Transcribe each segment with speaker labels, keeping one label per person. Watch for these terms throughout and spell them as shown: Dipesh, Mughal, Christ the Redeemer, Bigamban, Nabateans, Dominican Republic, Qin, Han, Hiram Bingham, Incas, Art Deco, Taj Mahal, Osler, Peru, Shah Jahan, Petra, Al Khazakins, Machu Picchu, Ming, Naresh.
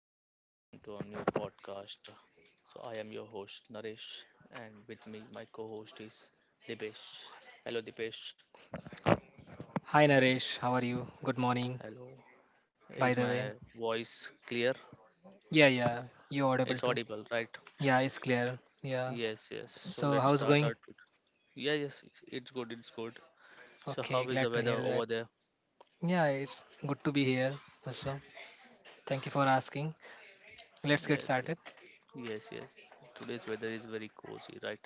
Speaker 1: guys. Welcome to our new podcast. So, I am your host, Naresh, and with me, my co host is Dipesh. Hello, Dipesh.
Speaker 2: Hi Naresh, how are you? Good morning,
Speaker 1: Hello. Is
Speaker 2: by the
Speaker 1: my
Speaker 2: way.
Speaker 1: voice clear?
Speaker 2: Yeah, yeah, you
Speaker 1: It's
Speaker 2: audible too.
Speaker 1: audible, right?
Speaker 2: Yeah, it's clear. Yeah.
Speaker 1: Yes, yes. So,
Speaker 2: So
Speaker 1: let's
Speaker 2: how's
Speaker 1: start our.
Speaker 2: going?
Speaker 1: Tut- Yeah, yes, it's good, it's good. So, how
Speaker 2: Okay,
Speaker 1: is the
Speaker 2: glad to
Speaker 1: weather
Speaker 2: hear that.
Speaker 1: over there?
Speaker 2: Yeah, it's good to be here also. Thank you for asking. Let's get
Speaker 1: Yes, yes,
Speaker 2: started.
Speaker 1: yes, yes. Today's weather is very cozy, right?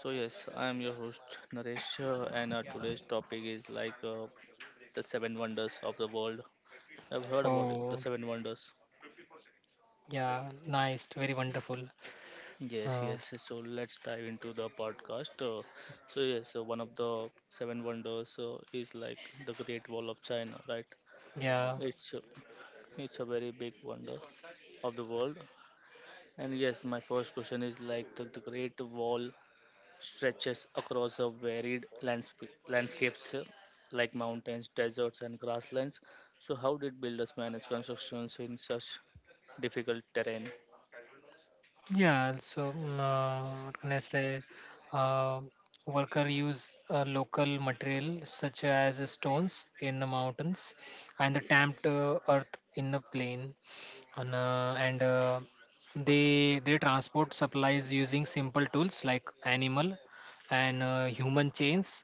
Speaker 1: So yes, I am your host Naresh, and our today's topic is like the seven wonders of the world. I've heard about it, the
Speaker 2: Oh,
Speaker 1: seven wonders.
Speaker 2: yeah, nice, very wonderful.
Speaker 1: Yes,
Speaker 2: Uh,
Speaker 1: yes, yes. So let's dive into the podcast. So yes, so one of the seven wonders is like, the Great Wall of China, right?
Speaker 2: yeah,
Speaker 1: It's uh, it's a very big wonder of the world. And yes, my first question is like the Great Wall stretches across a varied landscapes, like mountains, deserts, and grasslands. So how did builders manage constructions in such difficult terrain?
Speaker 2: yeah, also, what can I say? Uh, Worker use local material such as stones in the mountains and the tamped earth in the plain. And they transport supplies using simple tools like animal and human chains.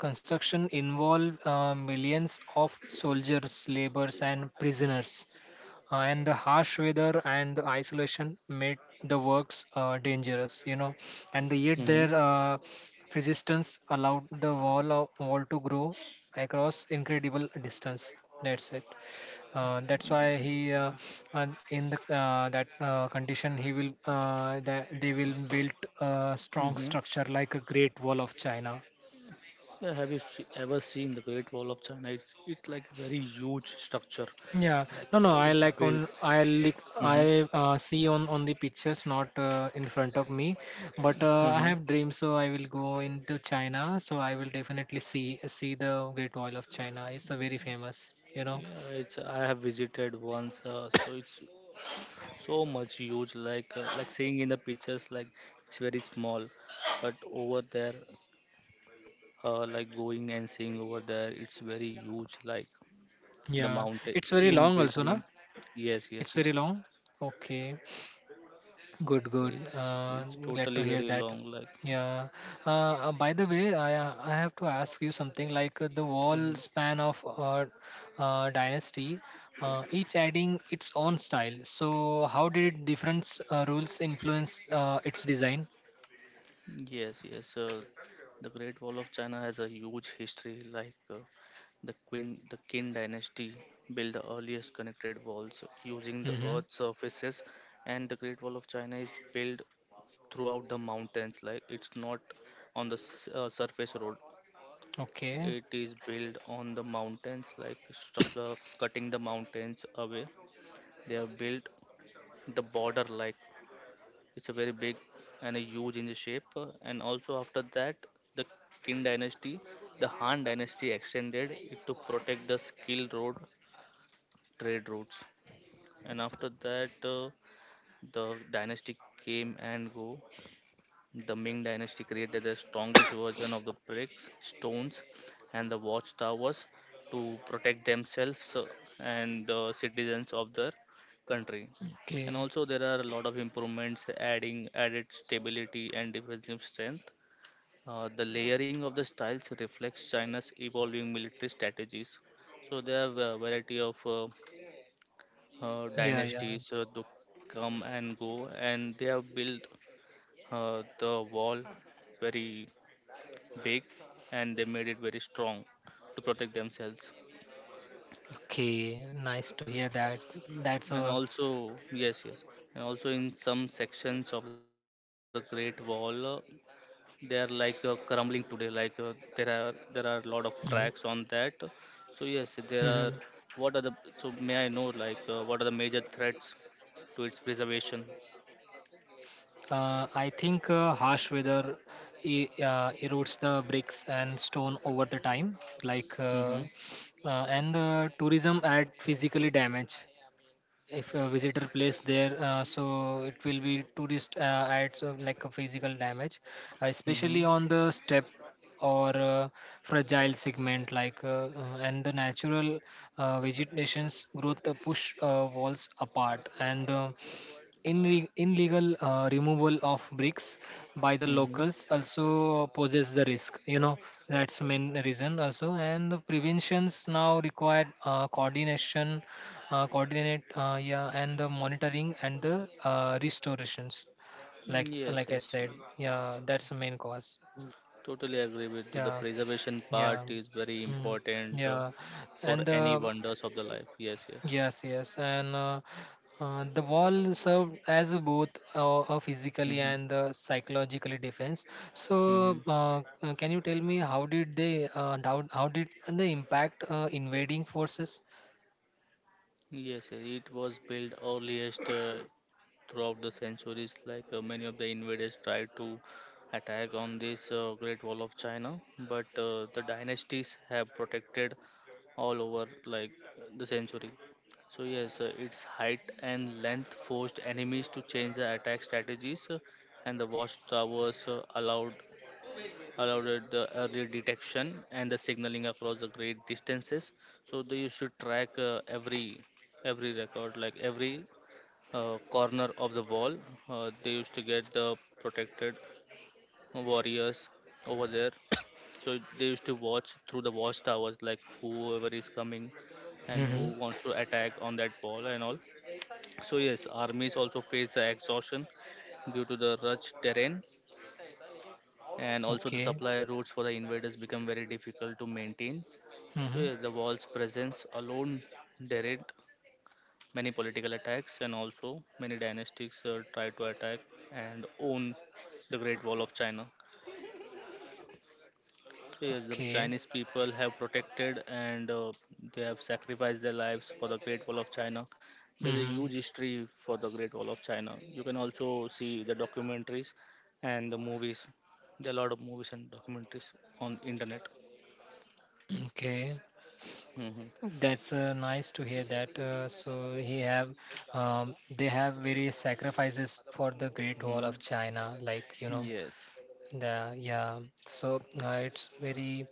Speaker 2: Construction involve millions of soldiers, laborers, and prisoners and the harsh weather and the isolation made the works dangerous and yet
Speaker 1: Hmm.
Speaker 2: their resistance allowed the wall to grow across incredible distance. That's it. That's why he and in the that condition he will that they will build a strong
Speaker 1: Hmm.
Speaker 2: structure like a great wall of china.
Speaker 1: Yeah, ever seen the Great Wall of China? It's like very huge structure,
Speaker 2: Yeah,
Speaker 1: like
Speaker 2: no, no. I
Speaker 1: it's
Speaker 2: like
Speaker 1: built.
Speaker 2: on I like
Speaker 1: Hmm.
Speaker 2: I see on the pictures, not in front of me. But I
Speaker 1: Hmm.
Speaker 2: have dreams, so I will go into China. So I will definitely see the Great Wall of China. It's a very famous.
Speaker 1: Yeah, it's, I have visited once, so it's so much huge. Like seeing in the pictures, like it's very small, but over there, like going and seeing over there, it's very huge. Like the
Speaker 2: Yeah,
Speaker 1: mountain
Speaker 2: it's very
Speaker 1: in
Speaker 2: long also,
Speaker 1: between.
Speaker 2: na?
Speaker 1: Yes, yes,
Speaker 2: It's
Speaker 1: it's
Speaker 2: very long. Okay. Good, good.
Speaker 1: it's it's
Speaker 2: Glad to
Speaker 1: totally
Speaker 2: hear
Speaker 1: very
Speaker 2: that.
Speaker 1: long.
Speaker 2: Yeah. By the way, I have to ask you something like the
Speaker 1: Like.
Speaker 2: wall span of dynasty, each adding its own style. So how did different rules influence its design?
Speaker 1: Yes, yes. The Great Wall of China has a huge history. Like the Qin dynasty built the earliest connected walls using the
Speaker 2: Mm-hmm.
Speaker 1: earth surfaces, and the Great Wall of China is built throughout the mountains. Like it's not on the surface road.
Speaker 2: Okay.
Speaker 1: It is built on the mountains, like structure cutting the mountains away. They have built the border like it's a very big and a huge in the shape. And also after that, the Qin dynasty, the Han dynasty extended it to protect the skilled road trade routes. And after that, the dynasty came and go. The Ming Dynasty created the strongest version of the bricks, stones, and the watchtowers to protect themselves and the citizens of their country.
Speaker 2: Okay.
Speaker 1: And also, there are a lot of improvements adding added stability and defensive strength. The layering of the styles reflects China's evolving military strategies. So there are a variety of
Speaker 2: Yeah, yeah.
Speaker 1: dynasties to come and go, and they have built the wall very big and they made it very strong to protect themselves,
Speaker 2: Okay. Nice to hear that. That's
Speaker 1: and
Speaker 2: a.
Speaker 1: also, yes, yes, and also in some sections of the great wall, they are like crumbling today, like there are a lot of
Speaker 2: Mm-hmm.
Speaker 1: cracks on that. So yes, there
Speaker 2: Mm-hmm.
Speaker 1: are, what are the so may I know like, what are the major threats to its preservation?
Speaker 2: I think harsh weather erodes the bricks and stone over the time, like
Speaker 1: Mm-hmm.
Speaker 2: and the tourism add physically damage. If a visitor place there, so it will be tourist adds like a physical damage,
Speaker 1: Mm-hmm.
Speaker 2: especially on the step or fragile segment like and the natural vegetation's growth push walls apart and the in illegal removal of bricks by the
Speaker 1: Mm-hmm.
Speaker 2: locals also poses the risk, you know. That's main reason also, and the preventions now required coordination, coordinate yeah, and the monitoring and the restorations, like
Speaker 1: Yes,
Speaker 2: like I
Speaker 1: yes.
Speaker 2: said. Yeah, that's the main cause.
Speaker 1: Totally agree with you. The
Speaker 2: Yeah,
Speaker 1: preservation part
Speaker 2: yeah,
Speaker 1: is very
Speaker 2: mm,
Speaker 1: important
Speaker 2: yeah,
Speaker 1: for
Speaker 2: and
Speaker 1: any
Speaker 2: the.
Speaker 1: wonders of the life. Yes, yes.
Speaker 2: Yes, yes, and the wall served as a both a physically
Speaker 1: Mm-hmm.
Speaker 2: and psychologically defense. So,
Speaker 1: Mm-hmm.
Speaker 2: can you tell me how did they how did they impact invading forces?
Speaker 1: Yes, yes, it was built earliest throughout the centuries, like many of the invaders tried to attack on this great wall of china, but the dynasties have protected all over, like the century. So yes, its height and length forced enemies to change the attack strategies, and the watchtowers allowed it the early detection and the signaling across the great distances. So they used to track every record, like every corner of the wall. They used to get the protected warriors over there. So they used to watch through the watchtowers, like whoever is coming and who
Speaker 2: Hmm.
Speaker 1: wants to attack on that wall and all. So yes, armies also face the exhaustion due to the rich terrain, and also the
Speaker 2: Okay.
Speaker 1: supply routes for the invaders become very difficult to maintain. So
Speaker 2: Hmm.
Speaker 1: yeah, the wall's presence alone deterred many political attacks, and also many dynasties try to attack and own the Great Wall of China. So, yes, the
Speaker 2: Okay.
Speaker 1: Chinese people have protected, and they have sacrificed their lives for the Great Wall of China. There's a
Speaker 2: Hmm.
Speaker 1: huge history for the Great Wall of China. You can also see the documentaries and the movies. There are a lot of movies and documentaries on internet.
Speaker 2: Okay.
Speaker 1: Hmm.
Speaker 2: That's nice to hear that. They have various sacrifices for the Great Wall
Speaker 1: Hmm.
Speaker 2: of China, like
Speaker 1: Yes.
Speaker 2: yeah. So it's very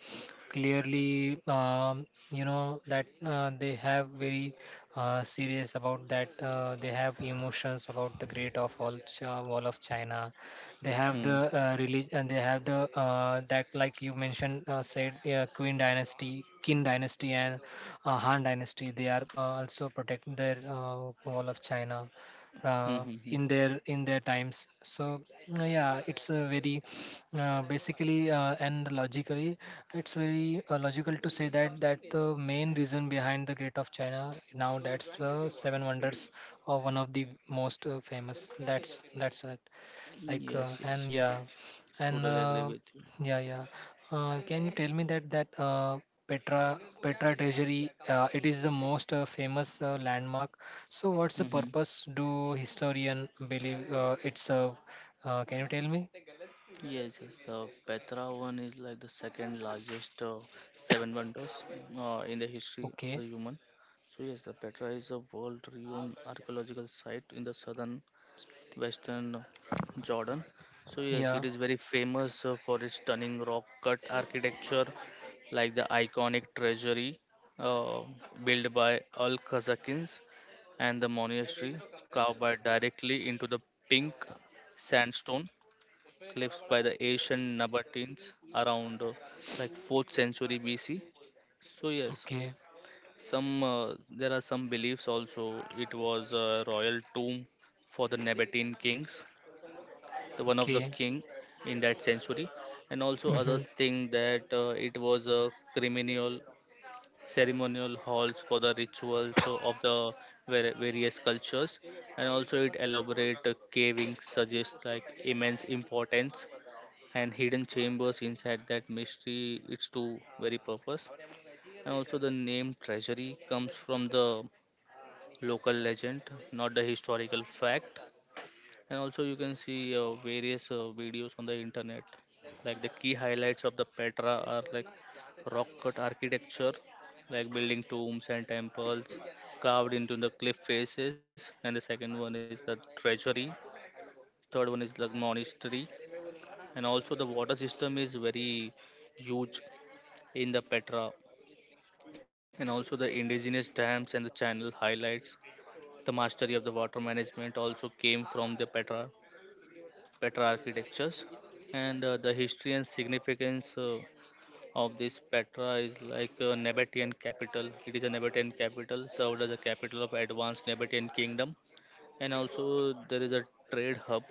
Speaker 2: clearly, that they have very serious about that. They have emotions about the Great of all Wall of China. They have the
Speaker 1: Hmm.
Speaker 2: religion, and they have the that, like you mentioned, said yeah, Queen Dynasty, Qin Dynasty, and Han Dynasty. They are also protecting their Wall of China
Speaker 1: Hmm.
Speaker 2: in their times. So yeah, it's a very basically and logically it's very logical to say that the main reason behind the gate of china, now that's the seven wonders, or one of the most famous. That's it. Like.
Speaker 1: Yes, yes.
Speaker 2: And yeah. And
Speaker 1: Totally agree with you.
Speaker 2: yeah, yeah. Can you tell me that petra treasury, it is the most famous landmark. So what's the
Speaker 1: Hmm.
Speaker 2: purpose do historian believe? It's Can you tell me?
Speaker 1: Yes, yes, the Petra one is like the second largest seven wonders in the history of the
Speaker 2: Okay.
Speaker 1: human. So yes, the Petra is a world-renowned archaeological site in the southern western Jordan. So yes, it
Speaker 2: Yeah.
Speaker 1: is very famous for its stunning rock-cut architecture, like the iconic treasury uh, built by Al Khazakins and the monastery carved by directly into the pink sandstone cliffs by the Asian Nabateans around like 4th century BC. So yes,
Speaker 2: Okay.
Speaker 1: some there are some beliefs also it was a royal tomb for the Nabatean kings, the one of the
Speaker 2: Okay.
Speaker 1: king in that century, and also
Speaker 2: Mm-hmm.
Speaker 1: others think that it was a criminal ceremonial halls for the rituals of the various cultures, and also it elaborate caving suggests like immense importance and hidden chambers inside that mystery its to very purpose. And also the name treasury comes from the local legend, not the historical fact. And also you can see various videos on the internet. Like the key highlights of the petra are like rock cut architecture, like building tombs and temples carved into the cliff faces, and the second one is the treasury, third one is the monastery, and also the water system is very huge in the Petra, and also the indigenous dams and the channel highlights. The mastery of the water management also came from the Petra, Petra architectures, and the history and significance of this Petra is like a Nabatean capital. It is a Nabatean capital, served as a capital of advanced Nabatean kingdom, and also there is a trade hub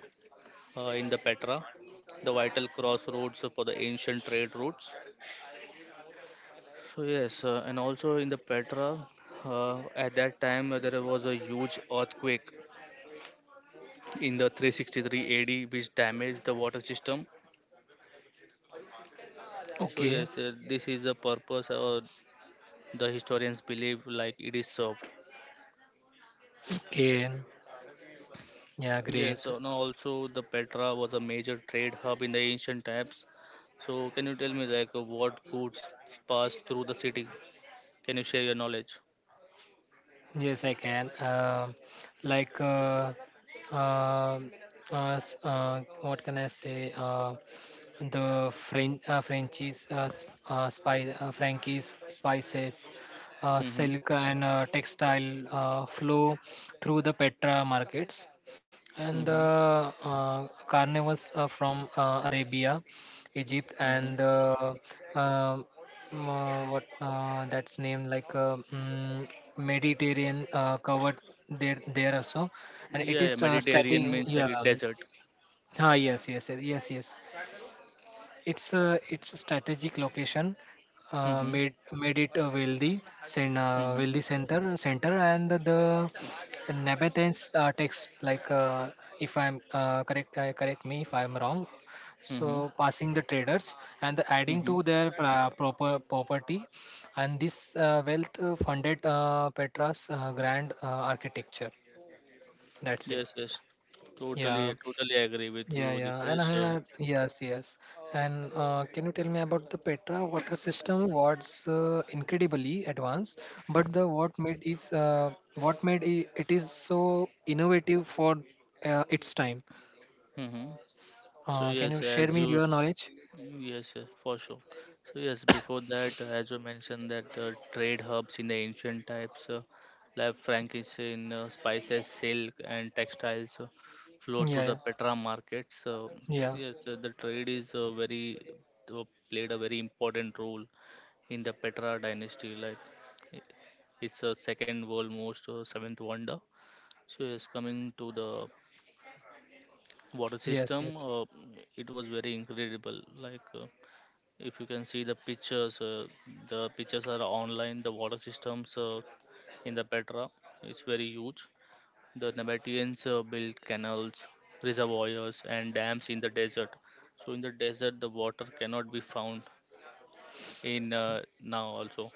Speaker 1: in the Petra, the vital crossroads for the ancient trade routes. So yes, and also in the Petra, at that time there was a huge earthquake in the 363 AD, which damaged the water system. So
Speaker 2: Okay.
Speaker 1: yes, this is the purpose, the historians believe like it is served.
Speaker 2: Okay. Yeah. Great.
Speaker 1: Yes, and also the Petra was a major trade hub in the ancient times. So can you tell me like, what goods passed through the city? Can you share your knowledge?
Speaker 2: Yes, I can. Like, uh, what can I say? The French Frenchies spy Frankie's spices,
Speaker 1: Mm-hmm.
Speaker 2: silk and textile flow through the Petra markets, and the
Speaker 1: Mm-hmm.
Speaker 2: carnivals from Arabia, Egypt,
Speaker 1: Mm-hmm.
Speaker 2: and the um, what that's named like Mediterranean covered there also, and it
Speaker 1: Yeah, yeah,
Speaker 2: is
Speaker 1: Mediterranean
Speaker 2: strategy.
Speaker 1: means like
Speaker 2: Yeah.
Speaker 1: a desert.
Speaker 2: Ah, yes, yes, yes, yes, yes. It's a strategic location,
Speaker 1: Mm-hmm.
Speaker 2: made it a wealthy
Speaker 1: Mm-hmm.
Speaker 2: wealthy center, and the Nabateans text like, if I'm correct me if I'm wrong.
Speaker 1: Mm-hmm.
Speaker 2: So passing the traders and the adding
Speaker 1: Mm-hmm.
Speaker 2: to their proper property, and this wealth funded Petra's grand architecture. That's it.
Speaker 1: Yes, yes.
Speaker 2: Yeah.
Speaker 1: Totally, totally agree with
Speaker 2: Yeah,
Speaker 1: you,
Speaker 2: yeah, and
Speaker 1: Dipesh.
Speaker 2: I had, yes, yes. And can you tell me about the Petra water system? What's incredibly advanced, but the what made is what made it is so innovative for its time.
Speaker 1: Mm-hmm. So
Speaker 2: Can
Speaker 1: yes,
Speaker 2: you share
Speaker 1: as
Speaker 2: me your knowledge?
Speaker 1: yes, yes, for sure. So yes, before that, as you mentioned, that trade hubs in the ancient types, like frankincense, spices, silk, and textiles, flow to the
Speaker 2: Yeah,
Speaker 1: Petra markets.
Speaker 2: yeah,
Speaker 1: Yes, the trade is very uh, played a very important role in the Petra dynasty. Like i- it's a second world most seventh wonder. So yes, coming to the water
Speaker 2: yes,
Speaker 1: system,
Speaker 2: yes.
Speaker 1: it was very incredible. Like if you can see the pictures are online. The water systems in the Petra is very huge. The Nabateans built canals, reservoirs, and dams in the desert. So in the desert, the water cannot be found in now also.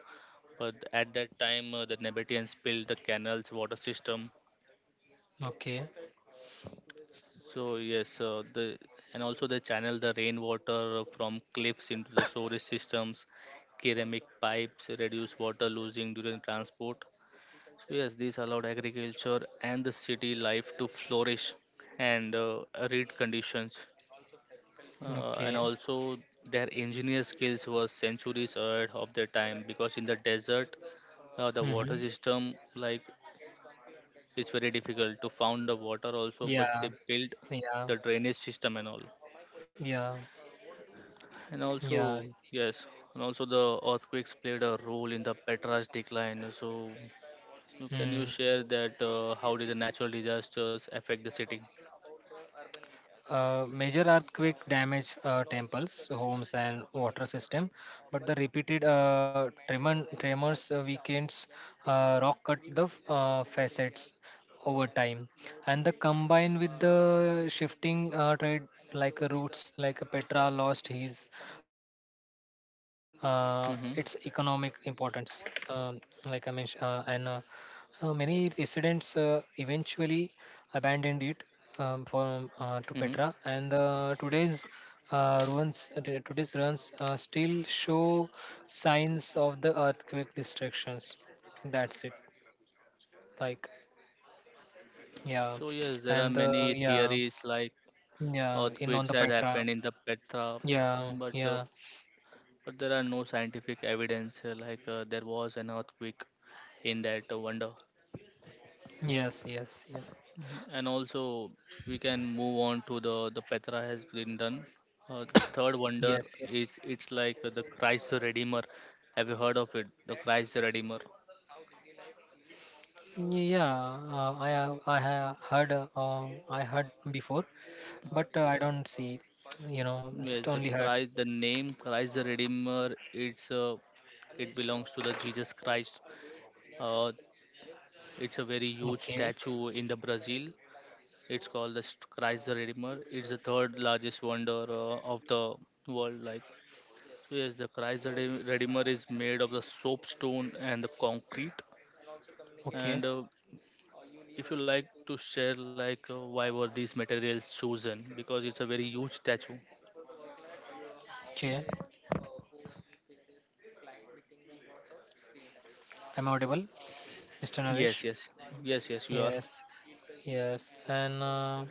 Speaker 1: But at that time, the Nabataeans built the canals water system.
Speaker 2: Okay,
Speaker 1: So yes, the and also they channel the rainwater from cliffs into the storage systems. Ceramic pipes reduce water losing during transport. So yes, this allowed agriculture and the city life to flourish and arid conditions. And
Speaker 2: okay.
Speaker 1: also their engineer skills were centuries ahead of their time, because in the desert, the water
Speaker 2: Mm-hmm.
Speaker 1: system like, so, it's very difficult to found the water also, but they
Speaker 2: Yeah,
Speaker 1: built
Speaker 2: yeah,
Speaker 1: the drainage system and all.
Speaker 2: yeah,
Speaker 1: And also
Speaker 2: yeah.
Speaker 1: yes, and also the earthquakes played a role in the petra's decline. So so can you
Speaker 2: Hmm.
Speaker 1: share that how did the natural disasters affect the city?
Speaker 2: Major earthquake damage temples, homes, and water system, but the repeated tremors weekends rock cut the facets over time, and the combined with the shifting trade like routes. Like Petra lost his
Speaker 1: Mm-hmm.
Speaker 2: its economic importance, like I mentioned, and. Many residents eventually abandoned it, from to
Speaker 1: Mm-hmm.
Speaker 2: Petra, and today's ruins today's ruins still show signs of the earthquake destructions. That's it. Like, yeah.
Speaker 1: So yes, there are
Speaker 2: And
Speaker 1: many
Speaker 2: yeah,
Speaker 1: theories like
Speaker 2: yeah, in on
Speaker 1: earthquakes
Speaker 2: the
Speaker 1: has
Speaker 2: Petra.
Speaker 1: happened in the petra,
Speaker 2: Yeah,
Speaker 1: but uh,
Speaker 2: yeah,
Speaker 1: but there are no scientific evidence, like there was an earthquake in that wonder,
Speaker 2: yes, yes, yes,
Speaker 1: and also we can move on to the Petra has been done. The third wonder
Speaker 2: yes, yes.
Speaker 1: is it's like the Christ the Redeemer. Have you heard of it? The Christ the Redeemer.
Speaker 2: Yeah, I heard before, but I don't see. You know, just
Speaker 1: Yes, the
Speaker 2: only heard.
Speaker 1: Christ. The name Christ the Redeemer. It belongs to the Jesus Christ. Uh, it's a very huge
Speaker 2: Okay.
Speaker 1: statue in the Brazil. It's called the Christ the Redeemer. It's the third largest wonder of the world. Like, yes, the Redeemer is made of the soapstone and the concrete.
Speaker 2: Okay.
Speaker 1: And if you like to share, like why were these materials chosen? Because it's a very huge statue.
Speaker 2: Okay. I'm audible, Mr. Naresh.
Speaker 1: Yes, yes, yes, yes. You are.
Speaker 2: Yes. Yes. And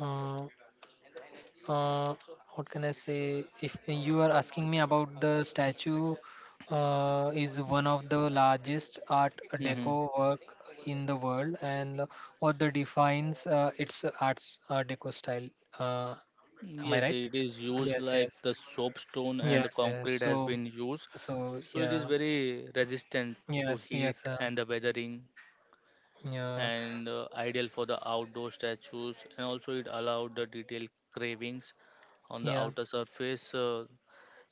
Speaker 2: uh, uh, what can I say? If you are asking me about the statue, is one of the largest Art
Speaker 1: Mm-hmm.
Speaker 2: Deco work in the world, and what the defines its Art Deco style. Uh, am I
Speaker 1: Yes,
Speaker 2: right?
Speaker 1: it is used
Speaker 2: Yes,
Speaker 1: like
Speaker 2: yes,
Speaker 1: the soapstone and the
Speaker 2: yes, yes.
Speaker 1: concrete has
Speaker 2: So,
Speaker 1: been used,
Speaker 2: so
Speaker 1: so it is
Speaker 2: yeah,
Speaker 1: very resistant to
Speaker 2: yes,
Speaker 1: heat
Speaker 2: yes,
Speaker 1: and the weathering,
Speaker 2: yeah,
Speaker 1: and ideal for the outdoor statues, and also it allowed the detailed cravings on the
Speaker 2: yeah,
Speaker 1: outer surface,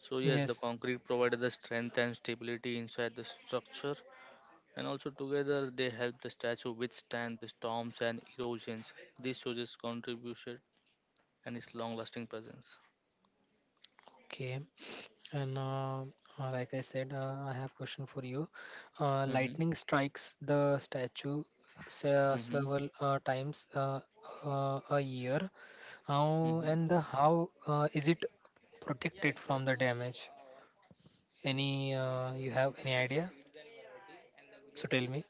Speaker 1: so yes, the
Speaker 2: yes.
Speaker 1: concrete provided the strength and stability inside the structure, and also together they help the statue withstand the storms and erosions. This shows its contribution and its long lasting presence.
Speaker 2: Okay. And like I said, I have question for you.
Speaker 1: Hmm.
Speaker 2: Lightning strikes the statue
Speaker 1: Hmm.
Speaker 2: several times a year. How
Speaker 1: Hmm.
Speaker 2: and the how is it protected from the damage? Any You have any idea? So tell me.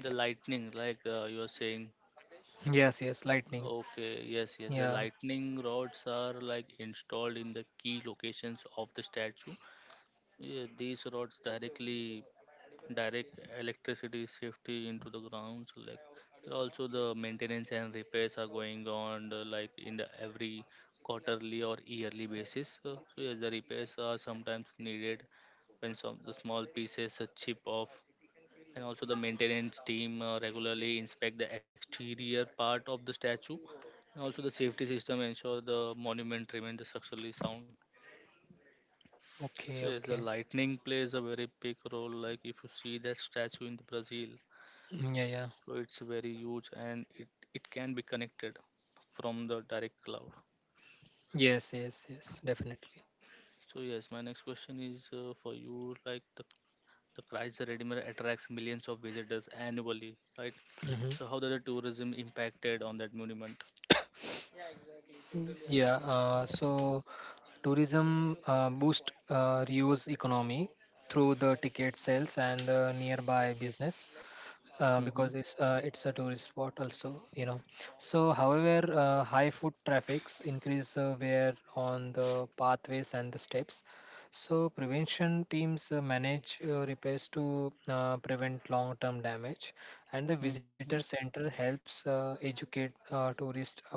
Speaker 1: The lightning, like you are saying.
Speaker 2: Yes, yes, lightning.
Speaker 1: Okay, yes, yes. The
Speaker 2: Yeah.
Speaker 1: lightning rods are like installed in the key locations of the statue. Yeah, these rods directly direct electricity safety into the ground. So like there are also the maintenance and repairs are going on, like in the every quarterly or yearly basis. So yes, the repairs are sometimes needed when some the small pieces, a chip off, and also the maintenance team regularly inspect the exterior part of the statue, and also the safety system ensure the monument remains structurally sound.
Speaker 2: Okay,
Speaker 1: So yes, the
Speaker 2: okay.
Speaker 1: lightning plays a very big role. Like if you see that statue in the Brazil,
Speaker 2: Mm. Yeah, yeah.
Speaker 1: so it's very huge, and it can be connected from the direct cloud.
Speaker 2: Yes, yes, yes, definitely.
Speaker 1: So yes, my next question is for you, like the Christ the Redeemer attracts millions of visitors annually, right?
Speaker 2: Mm-hmm.
Speaker 1: So how does the tourism impacted on that monument?
Speaker 2: Yeah, so tourism boost Rio's economy through the ticket sales and the nearby business,
Speaker 1: Mm-hmm.
Speaker 2: because it's a tourist spot also, you know. So, however, high foot traffics increase wear on the pathways and the steps. So, prevention teams manage repairs to prevent long-term damage, and the visitor
Speaker 1: Mhm.
Speaker 2: center helps educate tourists about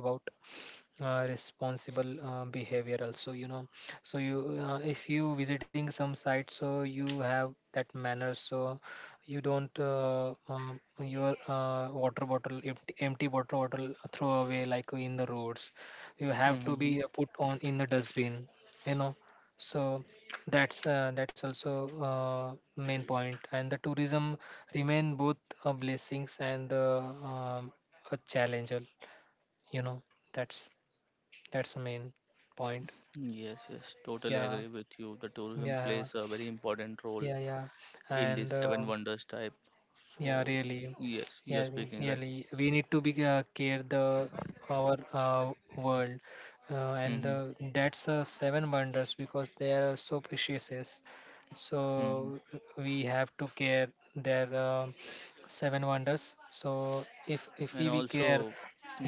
Speaker 2: responsible behavior also, you know. So you if you visiting some site, so you have that manner. So you don't your water bottle empty, water bottle throw away like in the roads. You have to
Speaker 1: Mhm.
Speaker 2: be put on in the dustbin, you know. So that's also main point. And the tourism remain both blessings and um, a challenge, you know. That's that's the main point.
Speaker 1: Yes, yes, totally
Speaker 2: Yeah,
Speaker 1: agree with you. The tourism
Speaker 2: yeah,
Speaker 1: plays a very important role
Speaker 2: yeah, yeah.
Speaker 1: in this
Speaker 2: And
Speaker 1: seven wonders type.
Speaker 2: yeah,
Speaker 1: So,
Speaker 2: really.
Speaker 1: yes, you're
Speaker 2: Yeah,
Speaker 1: speaking right.
Speaker 2: really. We need to be care the our world, and
Speaker 1: Mm-hmm.
Speaker 2: that's seven wonders because they are so precious. So
Speaker 1: Mm-hmm.
Speaker 2: we have to care their seven wonders. So if
Speaker 1: And
Speaker 2: we care,
Speaker 1: also,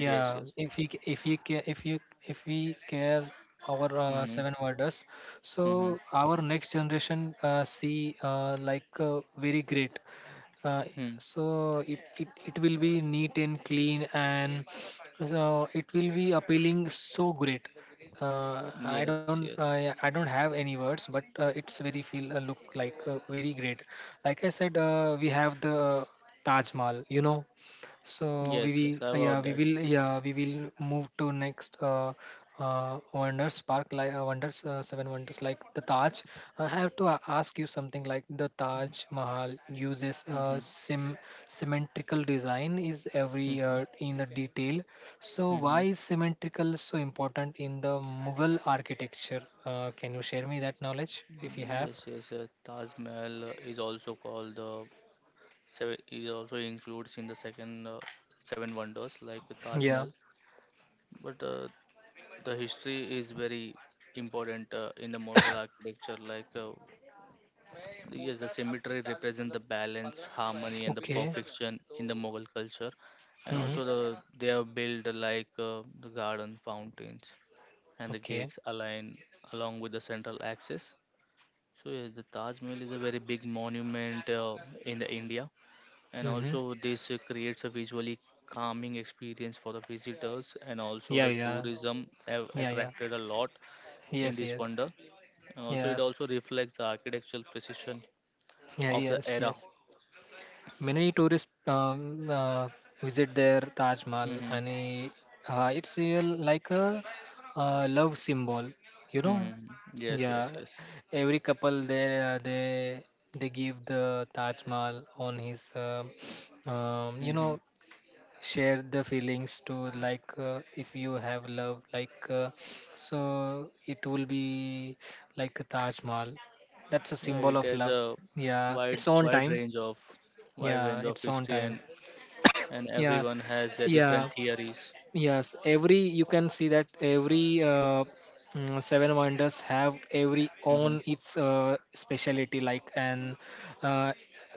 Speaker 1: yes,
Speaker 2: yeah,
Speaker 1: yes.
Speaker 2: if we care our
Speaker 1: Mm-hmm.
Speaker 2: seven wonders, so
Speaker 1: Mm-hmm.
Speaker 2: our next generation see like very great. uh,
Speaker 1: Mm.
Speaker 2: so it will be neat and clean, and so it will be appealing, so great. uh, i
Speaker 1: Yes,
Speaker 2: don't
Speaker 1: yes.
Speaker 2: I, I don't have any words, but it's very feel look like very great. Like I said, we have the Taj Mahal, you know. So
Speaker 1: Yes, yes. I about that.
Speaker 2: we will move to next wonders park like wonders seven wonders like the Taj. I have to ask you something like the Taj
Speaker 1: Mm-hmm.
Speaker 2: Mahal uses
Speaker 1: Mm-hmm.
Speaker 2: sim symmetrical design is every
Speaker 1: Mm-hmm.
Speaker 2: in the detail. So why is symmetrical so important in the Mughal architecture? Can you share me that knowledge if you
Speaker 1: Mm-hmm.
Speaker 2: have?
Speaker 1: Yes, yes. Taj Mahal is also called the Seven, it also includes in the second seven wonders like with Taj
Speaker 2: Yeah.
Speaker 1: Mahal. But the history is very important in the Mughal architecture. Yes, the symmetry represent the balance, harmony, and the
Speaker 2: Okay.
Speaker 1: perfection in the Mughal culture. And
Speaker 2: Mm-hmm.
Speaker 1: also the they have built like the garden, fountains, and the
Speaker 2: Okay.
Speaker 1: gates align along with the central axis. So yes, the Taj Mahal is a very big monument in the India, and
Speaker 2: Mm-hmm.
Speaker 1: also this creates a visually calming experience for the visitors, and also
Speaker 2: Yeah,
Speaker 1: the
Speaker 2: yeah,
Speaker 1: tourism have
Speaker 2: yeah, yeah.
Speaker 1: attracted a lot in
Speaker 2: Yes,
Speaker 1: this
Speaker 2: yes,
Speaker 1: wonder, and also it
Speaker 2: yes,
Speaker 1: also reflects the architectural precision
Speaker 2: yeah,
Speaker 1: of the
Speaker 2: yes,
Speaker 1: era.
Speaker 2: yes. Many tourists visit their Taj Mahal,
Speaker 1: Hmm.
Speaker 2: and it's real like a love symbol, you know.
Speaker 1: Hmm. Yes, yes,
Speaker 2: Yeah,
Speaker 1: yes.
Speaker 2: every couple they give the Taj Mahal on his, um, you
Speaker 1: Hmm.
Speaker 2: know, share the feelings to, like, if you have love, like, so it will be like a Taj Mahal, that's a
Speaker 1: Yeah,
Speaker 2: symbol
Speaker 1: it
Speaker 2: of
Speaker 1: has
Speaker 2: love.
Speaker 1: a
Speaker 2: Yeah,
Speaker 1: wide
Speaker 2: it's on
Speaker 1: wide
Speaker 2: time.
Speaker 1: range of, wide
Speaker 2: Yeah,
Speaker 1: range of
Speaker 2: it's on
Speaker 1: history,
Speaker 2: time.
Speaker 1: and
Speaker 2: Yeah,
Speaker 1: everyone has their different
Speaker 2: yeah.
Speaker 1: theories.
Speaker 2: Yes, every, you can see that every seven wonders have every
Speaker 1: Hmm.
Speaker 2: own its speciality, like, and uh,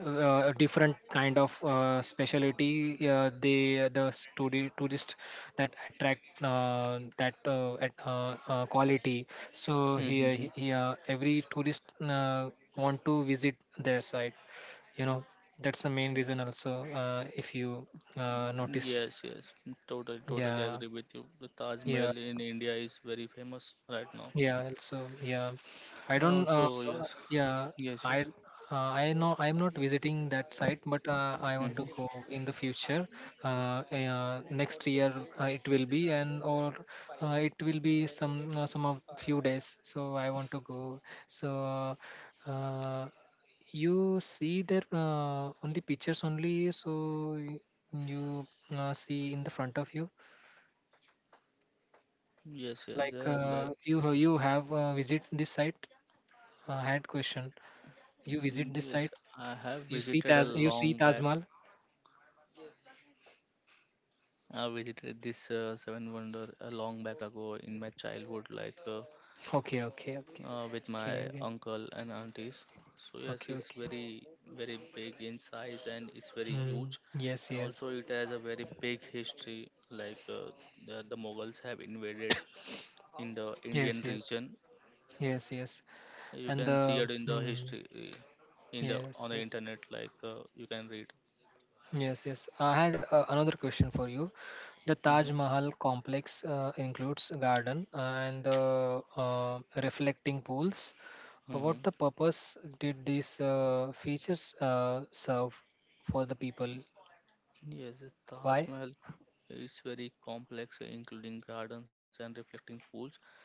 Speaker 2: different kind of speciality they tourist that attract quality. So, here
Speaker 1: Hmm.
Speaker 2: here every tourist want to visit their site. You know, that's the main reason also, if you notice.
Speaker 1: Yes, yes, totally
Speaker 2: Yeah.
Speaker 1: agree with you. The Taj
Speaker 2: Yeah,
Speaker 1: Mahal in India is very famous right now,
Speaker 2: yeah. So yeah, I
Speaker 1: and
Speaker 2: don't.
Speaker 1: also yes,
Speaker 2: Yeah,
Speaker 1: yes,
Speaker 2: I
Speaker 1: yes,
Speaker 2: uh, I know I'm not visiting that site, but I want to
Speaker 1: hmm,
Speaker 2: go in the future. Next year it will be, and or it will be some of few days. So I want to go. So, uh, you see there only pictures only. So you see in the front of you,
Speaker 1: yes, yes. They
Speaker 2: like,
Speaker 1: are like
Speaker 2: you have visit this site. I had question. You
Speaker 1: mm,
Speaker 2: visit this
Speaker 1: yes.
Speaker 2: site?
Speaker 1: I have
Speaker 2: You see
Speaker 1: visited a
Speaker 2: Taj? You see
Speaker 1: long
Speaker 2: Taj
Speaker 1: back.
Speaker 2: Mahal?
Speaker 1: I visited this Seven Wonder a long back ago in my childhood,
Speaker 2: Okay, okay, okay,
Speaker 1: with my
Speaker 2: okay, okay,
Speaker 1: uncle and aunties. So yes,
Speaker 2: okay,
Speaker 1: it's
Speaker 2: okay.
Speaker 1: very big in size and it's very
Speaker 2: Mm,
Speaker 1: huge,
Speaker 2: yes,
Speaker 1: and
Speaker 2: yes,
Speaker 1: also it has a very big history. The Mughals have invaded in the
Speaker 2: yes,
Speaker 1: Indian
Speaker 2: yes,
Speaker 1: region.
Speaker 2: yes, yes.
Speaker 1: You
Speaker 2: And
Speaker 1: can see it in the history in the on
Speaker 2: yes,
Speaker 1: the
Speaker 2: yes,
Speaker 1: internet. You can read.
Speaker 2: yes, yes. I had another question for you. The Taj
Speaker 1: Hmm.
Speaker 2: Mahal complex includes a garden and the reflecting pools. What
Speaker 1: Hmm.
Speaker 2: the purpose did these features serve for the people?
Speaker 1: Yes, the Taj
Speaker 2: Why?
Speaker 1: Mahal is very complex, including gardens and reflecting pools,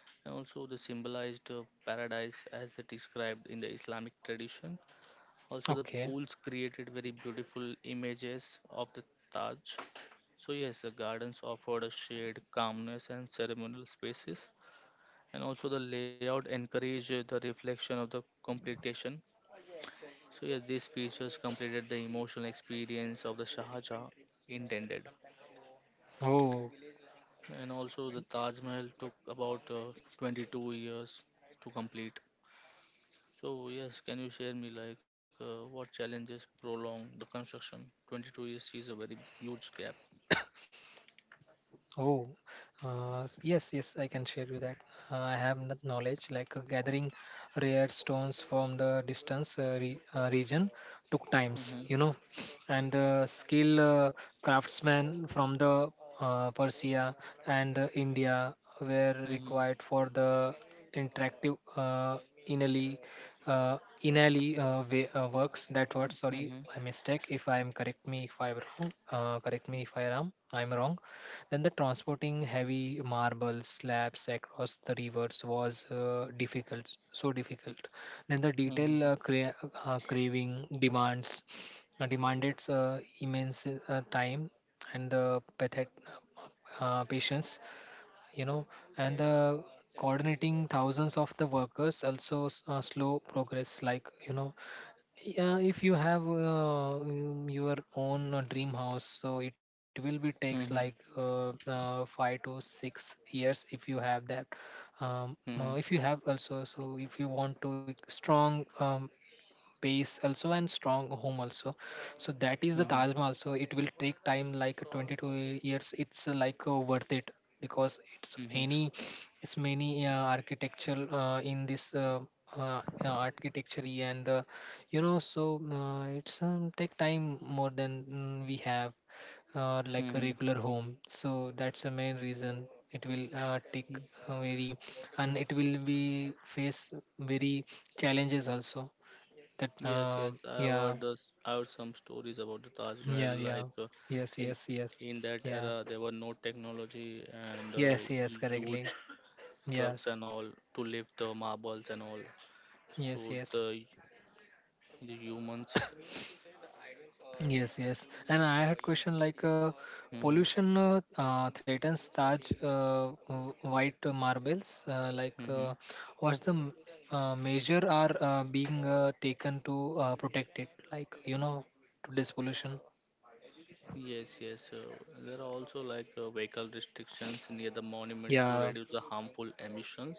Speaker 1: and also the symbolized paradise as it described in the Islamic tradition. Also, the
Speaker 2: Okay.
Speaker 1: pools created very beautiful images of the Taj. So, yes, the gardens offered a shade, calmness, and ceremonial spaces, and also the layout encouraged the reflection of the completion. So, yes, these features completed the emotional experience of the Shah Jahan intended.
Speaker 2: Oh.
Speaker 1: And also the Taj Mahal took about 22 years to complete. So yes, can you share me like what challenges prolong the construction? 22 years is a very huge gap.
Speaker 2: Oh, yes, yes, I can share you that. I have that knowledge, like, gathering rare stones from the distance re region took times,
Speaker 1: Mm-hmm.
Speaker 2: you know, and the skill craftsmen from the Persia and India were
Speaker 1: Mm-hmm.
Speaker 2: required for the interactive inally uh, inally way, works that word, sorry
Speaker 1: Mm-hmm.
Speaker 2: my mistake, if I am correct me if I am wrong, correct me if I'm wrong. Then the transporting heavy marble slabs across the rivers was difficult, so difficult. Then the detail
Speaker 1: Mm-hmm.
Speaker 2: craving demands demanded immense time and the patience, you know, and the coordinating thousands of the workers also slow progress, like, you know. Yeah, if you have your own dream house, so it will be takes
Speaker 1: Mm-hmm.
Speaker 2: like 5 to 6 years if you have that. Um,
Speaker 1: Mm-hmm.
Speaker 2: if you have also, so if you want to strong base also and strong home also, so that is
Speaker 1: Mm-hmm.
Speaker 2: the Taj Mahal. So it will take time like 22 years. It's like, worth it because it's
Speaker 1: Mm-hmm.
Speaker 2: many it's many architecture in this architecture and, you know, so it's take time more than we have, like a
Speaker 1: Mm-hmm.
Speaker 2: regular home. So that's the main reason it will
Speaker 1: Mm.
Speaker 2: take very, and it will be face very challenges also that,
Speaker 1: Yes, yes. I have
Speaker 2: yeah.
Speaker 1: heard this. I heard some stories about the Taj Mahal.
Speaker 2: Yeah, yeah. Yes,
Speaker 1: In
Speaker 2: yes, yes.
Speaker 1: in that
Speaker 2: Yeah,
Speaker 1: era, there were no technology, and
Speaker 2: yes, yes, correctly.
Speaker 1: huge trucks
Speaker 2: Yes,
Speaker 1: and all to lift the marbles and all. So
Speaker 2: yes, yes,
Speaker 1: the humans.
Speaker 2: yes, yes. And I had question, like,
Speaker 1: Hmm.
Speaker 2: pollution threatens Taj white marbles, like,
Speaker 1: Hmm.
Speaker 2: what's the m- measure are being taken to protect it, like, you know, to this pollution.
Speaker 1: Yes, yes. There are also like vehicle restrictions near the monument to
Speaker 2: Yeah,
Speaker 1: reduce the harmful emissions.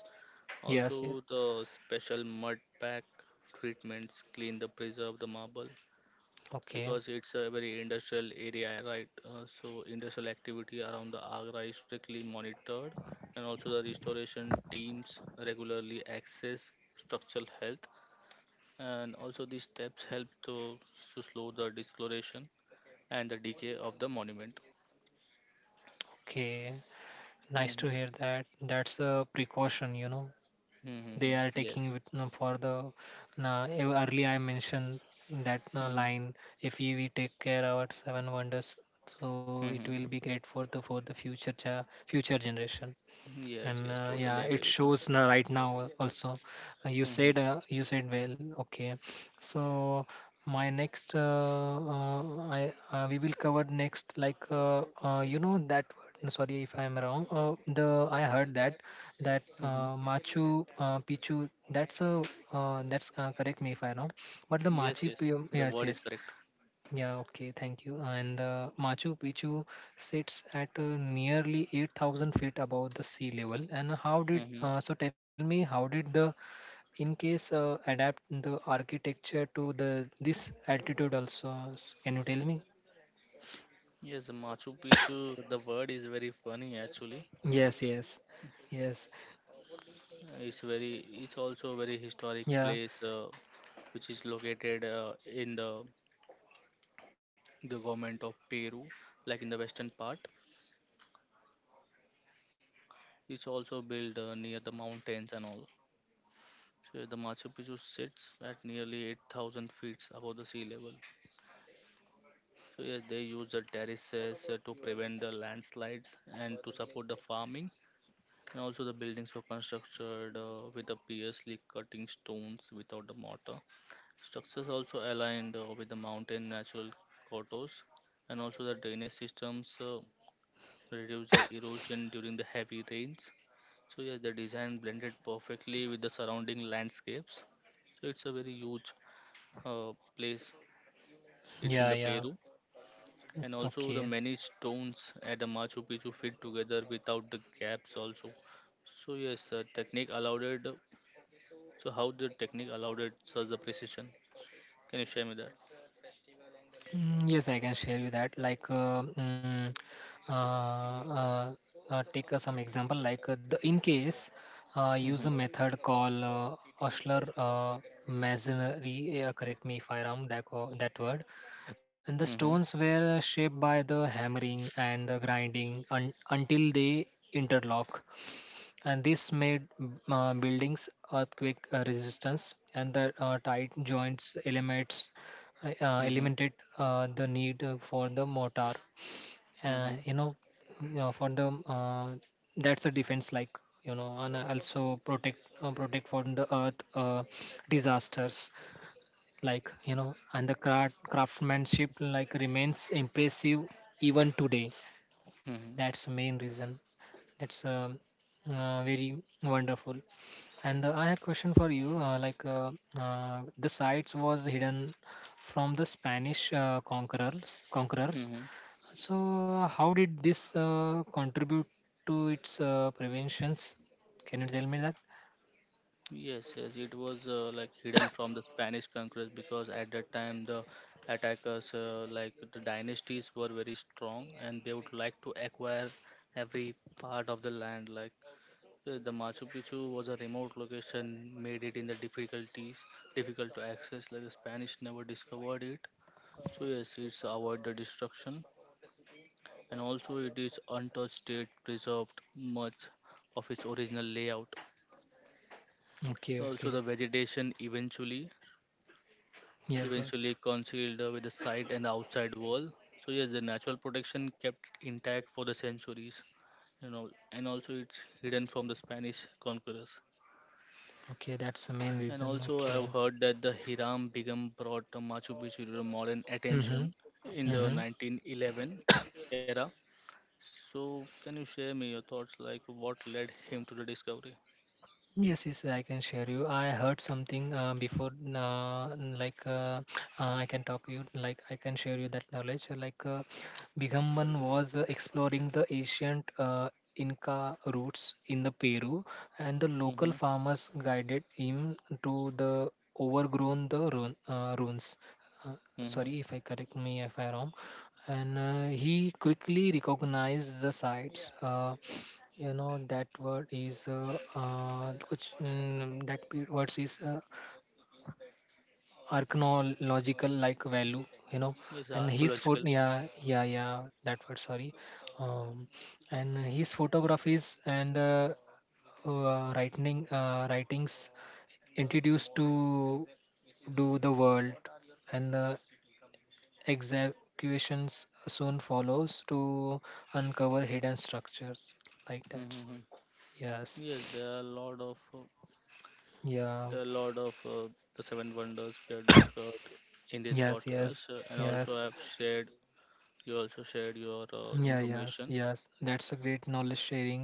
Speaker 2: yes, yes.
Speaker 1: Also, the special mud pack treatments clean the preserve the marble,
Speaker 2: Okay,
Speaker 1: because it's a very industrial area, right? So industrial activity around the Agra is strictly monitored, and also the restoration teams regularly access structural health, and also these steps help to slow the discoloration and the decay of the monument.
Speaker 2: okay. Nice to
Speaker 1: Hmm.
Speaker 2: hear that. That's a precaution, you know, they
Speaker 1: Hmm.
Speaker 2: are taking
Speaker 1: Yes.
Speaker 2: with no, for the early I mentioned that
Speaker 1: Hmm.
Speaker 2: line. If we, we take care our seven wonders, so it
Speaker 1: Hmm.
Speaker 2: will be great for the future cha future generation.
Speaker 1: Yes.
Speaker 2: And
Speaker 1: Yes.
Speaker 2: yeah,
Speaker 1: Totally
Speaker 2: it
Speaker 1: agree with you.
Speaker 2: shows now, right now also. Uh, you
Speaker 1: Hmm.
Speaker 2: said uh, you said well. Okay, so my next I we will cover next, like, you know that word, no, sorry if I am wrong. The I heard that that
Speaker 1: Hmm.
Speaker 2: Machu Picchu, that's a, that's correct me if I am wrong, but the
Speaker 1: Yes.
Speaker 2: machi
Speaker 1: Yes.
Speaker 2: Picchu.
Speaker 1: The
Speaker 2: Yes,
Speaker 1: word is
Speaker 2: yes.
Speaker 1: correct.
Speaker 2: Yeah, okay, thank you. And Machu Picchu sits at nearly 8,000 feet above the sea level. And how did,
Speaker 1: Hmm.
Speaker 2: so tell me, how did the Incas adapt the architecture to the this altitude also? Can you tell me?
Speaker 1: Yes, Machu Picchu, the word is very funny actually.
Speaker 2: Yes, yes, yes.
Speaker 1: It's very, it's also a very historic
Speaker 2: Yeah,
Speaker 1: place, which is located in the government of Peru, like in the western part. It's also built near the mountains and all. So the Machu Picchu sits at nearly 8,000 feet above the sea level. So yes, they use the terraces to prevent the landslides and to support the farming. And also, the buildings were constructed with the previously cutting stones without the mortar. Structures also aligned with the mountain natural contours, and also the drainage systems reduce the erosion during the heavy rains. So yes, the design blended perfectly with the surrounding landscapes. So it's a very huge uh, place. It's in
Speaker 2: yeah,
Speaker 1: the
Speaker 2: yeah.
Speaker 1: Peru, and also the
Speaker 2: Okay.
Speaker 1: many stones at the Machu Picchu fit together without the gaps also. So yes, the technique allowed so how the technique allowed it such the precision? Can you share me that?
Speaker 2: Mm. Yes, I can share you that. Like, uh, uh, take some example. Like, the in case
Speaker 1: Mm-hmm.
Speaker 2: use a method called Osler masonry. Correct me if I wrong that that word. And the
Speaker 1: Mm-hmm.
Speaker 2: stones were shaped by the hammering and the grinding un until they interlock, and this made buildings earthquake resistance, and the tight joints elements
Speaker 1: Mm-hmm.
Speaker 2: eliminated the need for the mortar,
Speaker 1: Mm-hmm.
Speaker 2: you know, you know, for the, that's a defense, like, you know, and also protect protect from the earth disasters, like, you know. And the craftsmanship, like, remains impressive even today.
Speaker 1: Mm-hmm.
Speaker 2: That's the main reason. That's Very wonderful. And I had question for you, like, the sites was hidden from the Spanish conquerors. Conquerors.
Speaker 1: Mm-hmm.
Speaker 2: So how did this contribute to its preventions? Can you tell me that?
Speaker 1: Yes, yes, it was like hidden from the Spanish conquerors, because at that time the attackers, like the dynasties, were very strong and they would like to acquire every part of the land. The Machu Picchu was a remote location, made it in the difficult to access. Like the Spanish never discovered it, so yes, it's avoid the destruction, and also it is untouched state preserved much of its original layout.
Speaker 2: Okay,
Speaker 1: Also the
Speaker 2: okay.
Speaker 1: vegetation
Speaker 2: Yes, yes.
Speaker 1: eventually concealed with the side and the outside wall. So yes, the natural protection kept intact for the centuries. You know, and also it's hidden from the Spanish conquerors.
Speaker 2: Okay, that's the main
Speaker 1: And
Speaker 2: reason.
Speaker 1: also
Speaker 2: Okay.
Speaker 1: I've heard that the Hiram Bingham brought the Machu Picchu to the modern
Speaker 2: Mm-hmm.
Speaker 1: attention in the
Speaker 2: Mm-hmm.
Speaker 1: 1911 era. So can you share me your thoughts like what led him to the discovery?
Speaker 2: Yes, yes, I can share you. I heard something before. Like, I can talk you, like I can share you that knowledge. Like, Bigamban was exploring the ancient Inca roots in the Peru, and the local
Speaker 1: Mm-hmm.
Speaker 2: farmers guided him to the overgrown the ruins. Uh,
Speaker 1: Mm-hmm.
Speaker 2: Sorry if I correct me if I wrong. And he quickly recognized the sites. You know that word is कुछ, that words is, archaeological, like, value, you know.
Speaker 1: Yes,
Speaker 2: And his foot
Speaker 1: archaeological.
Speaker 2: yeah, yeah, yeah, that word, sorry. um, and his photographies and writings introduced to do the world, and the executions soon follows to uncover hidden structures like that.
Speaker 1: Mm-hmm.
Speaker 2: Yes.
Speaker 1: Yes, there are a lot of
Speaker 2: Yeah.
Speaker 1: there are a lot of uh, the seven wonders we have discussed in this
Speaker 2: Yes, yes,
Speaker 1: podcast, and also
Speaker 2: yes.
Speaker 1: I have shared, you also shared your
Speaker 2: Yeah, yes,
Speaker 1: information.
Speaker 2: yes. That's a great knowledge sharing,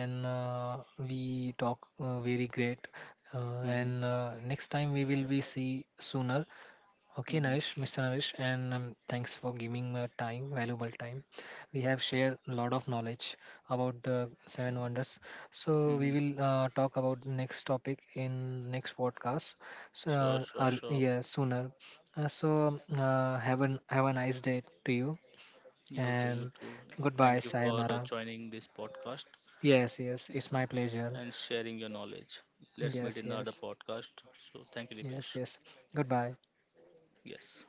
Speaker 2: and we talk very great.
Speaker 1: Mm-hmm.
Speaker 2: And next time we will be see sooner. Okay,
Speaker 1: Mm-hmm.
Speaker 2: Naresh, Mr. Naresh, and thanks for giving time, valuable time. We have shared a lot of knowledge about the seven wonders. So we
Speaker 1: Mm-hmm.
Speaker 2: will talk about next topic in next podcast. So
Speaker 1: Sure, sure, sure.
Speaker 2: yeah, sooner. Have an have a nice day to you,
Speaker 1: You too,
Speaker 2: and
Speaker 1: you too.
Speaker 2: goodbye,
Speaker 1: Thank you for
Speaker 2: sayonara.
Speaker 1: joining this podcast
Speaker 2: Yes, yes,
Speaker 1: uh,
Speaker 2: it's my pleasure.
Speaker 1: and sharing your knowledge. Let's meet
Speaker 2: Yes,
Speaker 1: in the other
Speaker 2: yes,
Speaker 1: podcast. So, thank you, Dipesh.
Speaker 2: yes, yes. Goodbye.
Speaker 1: Yes.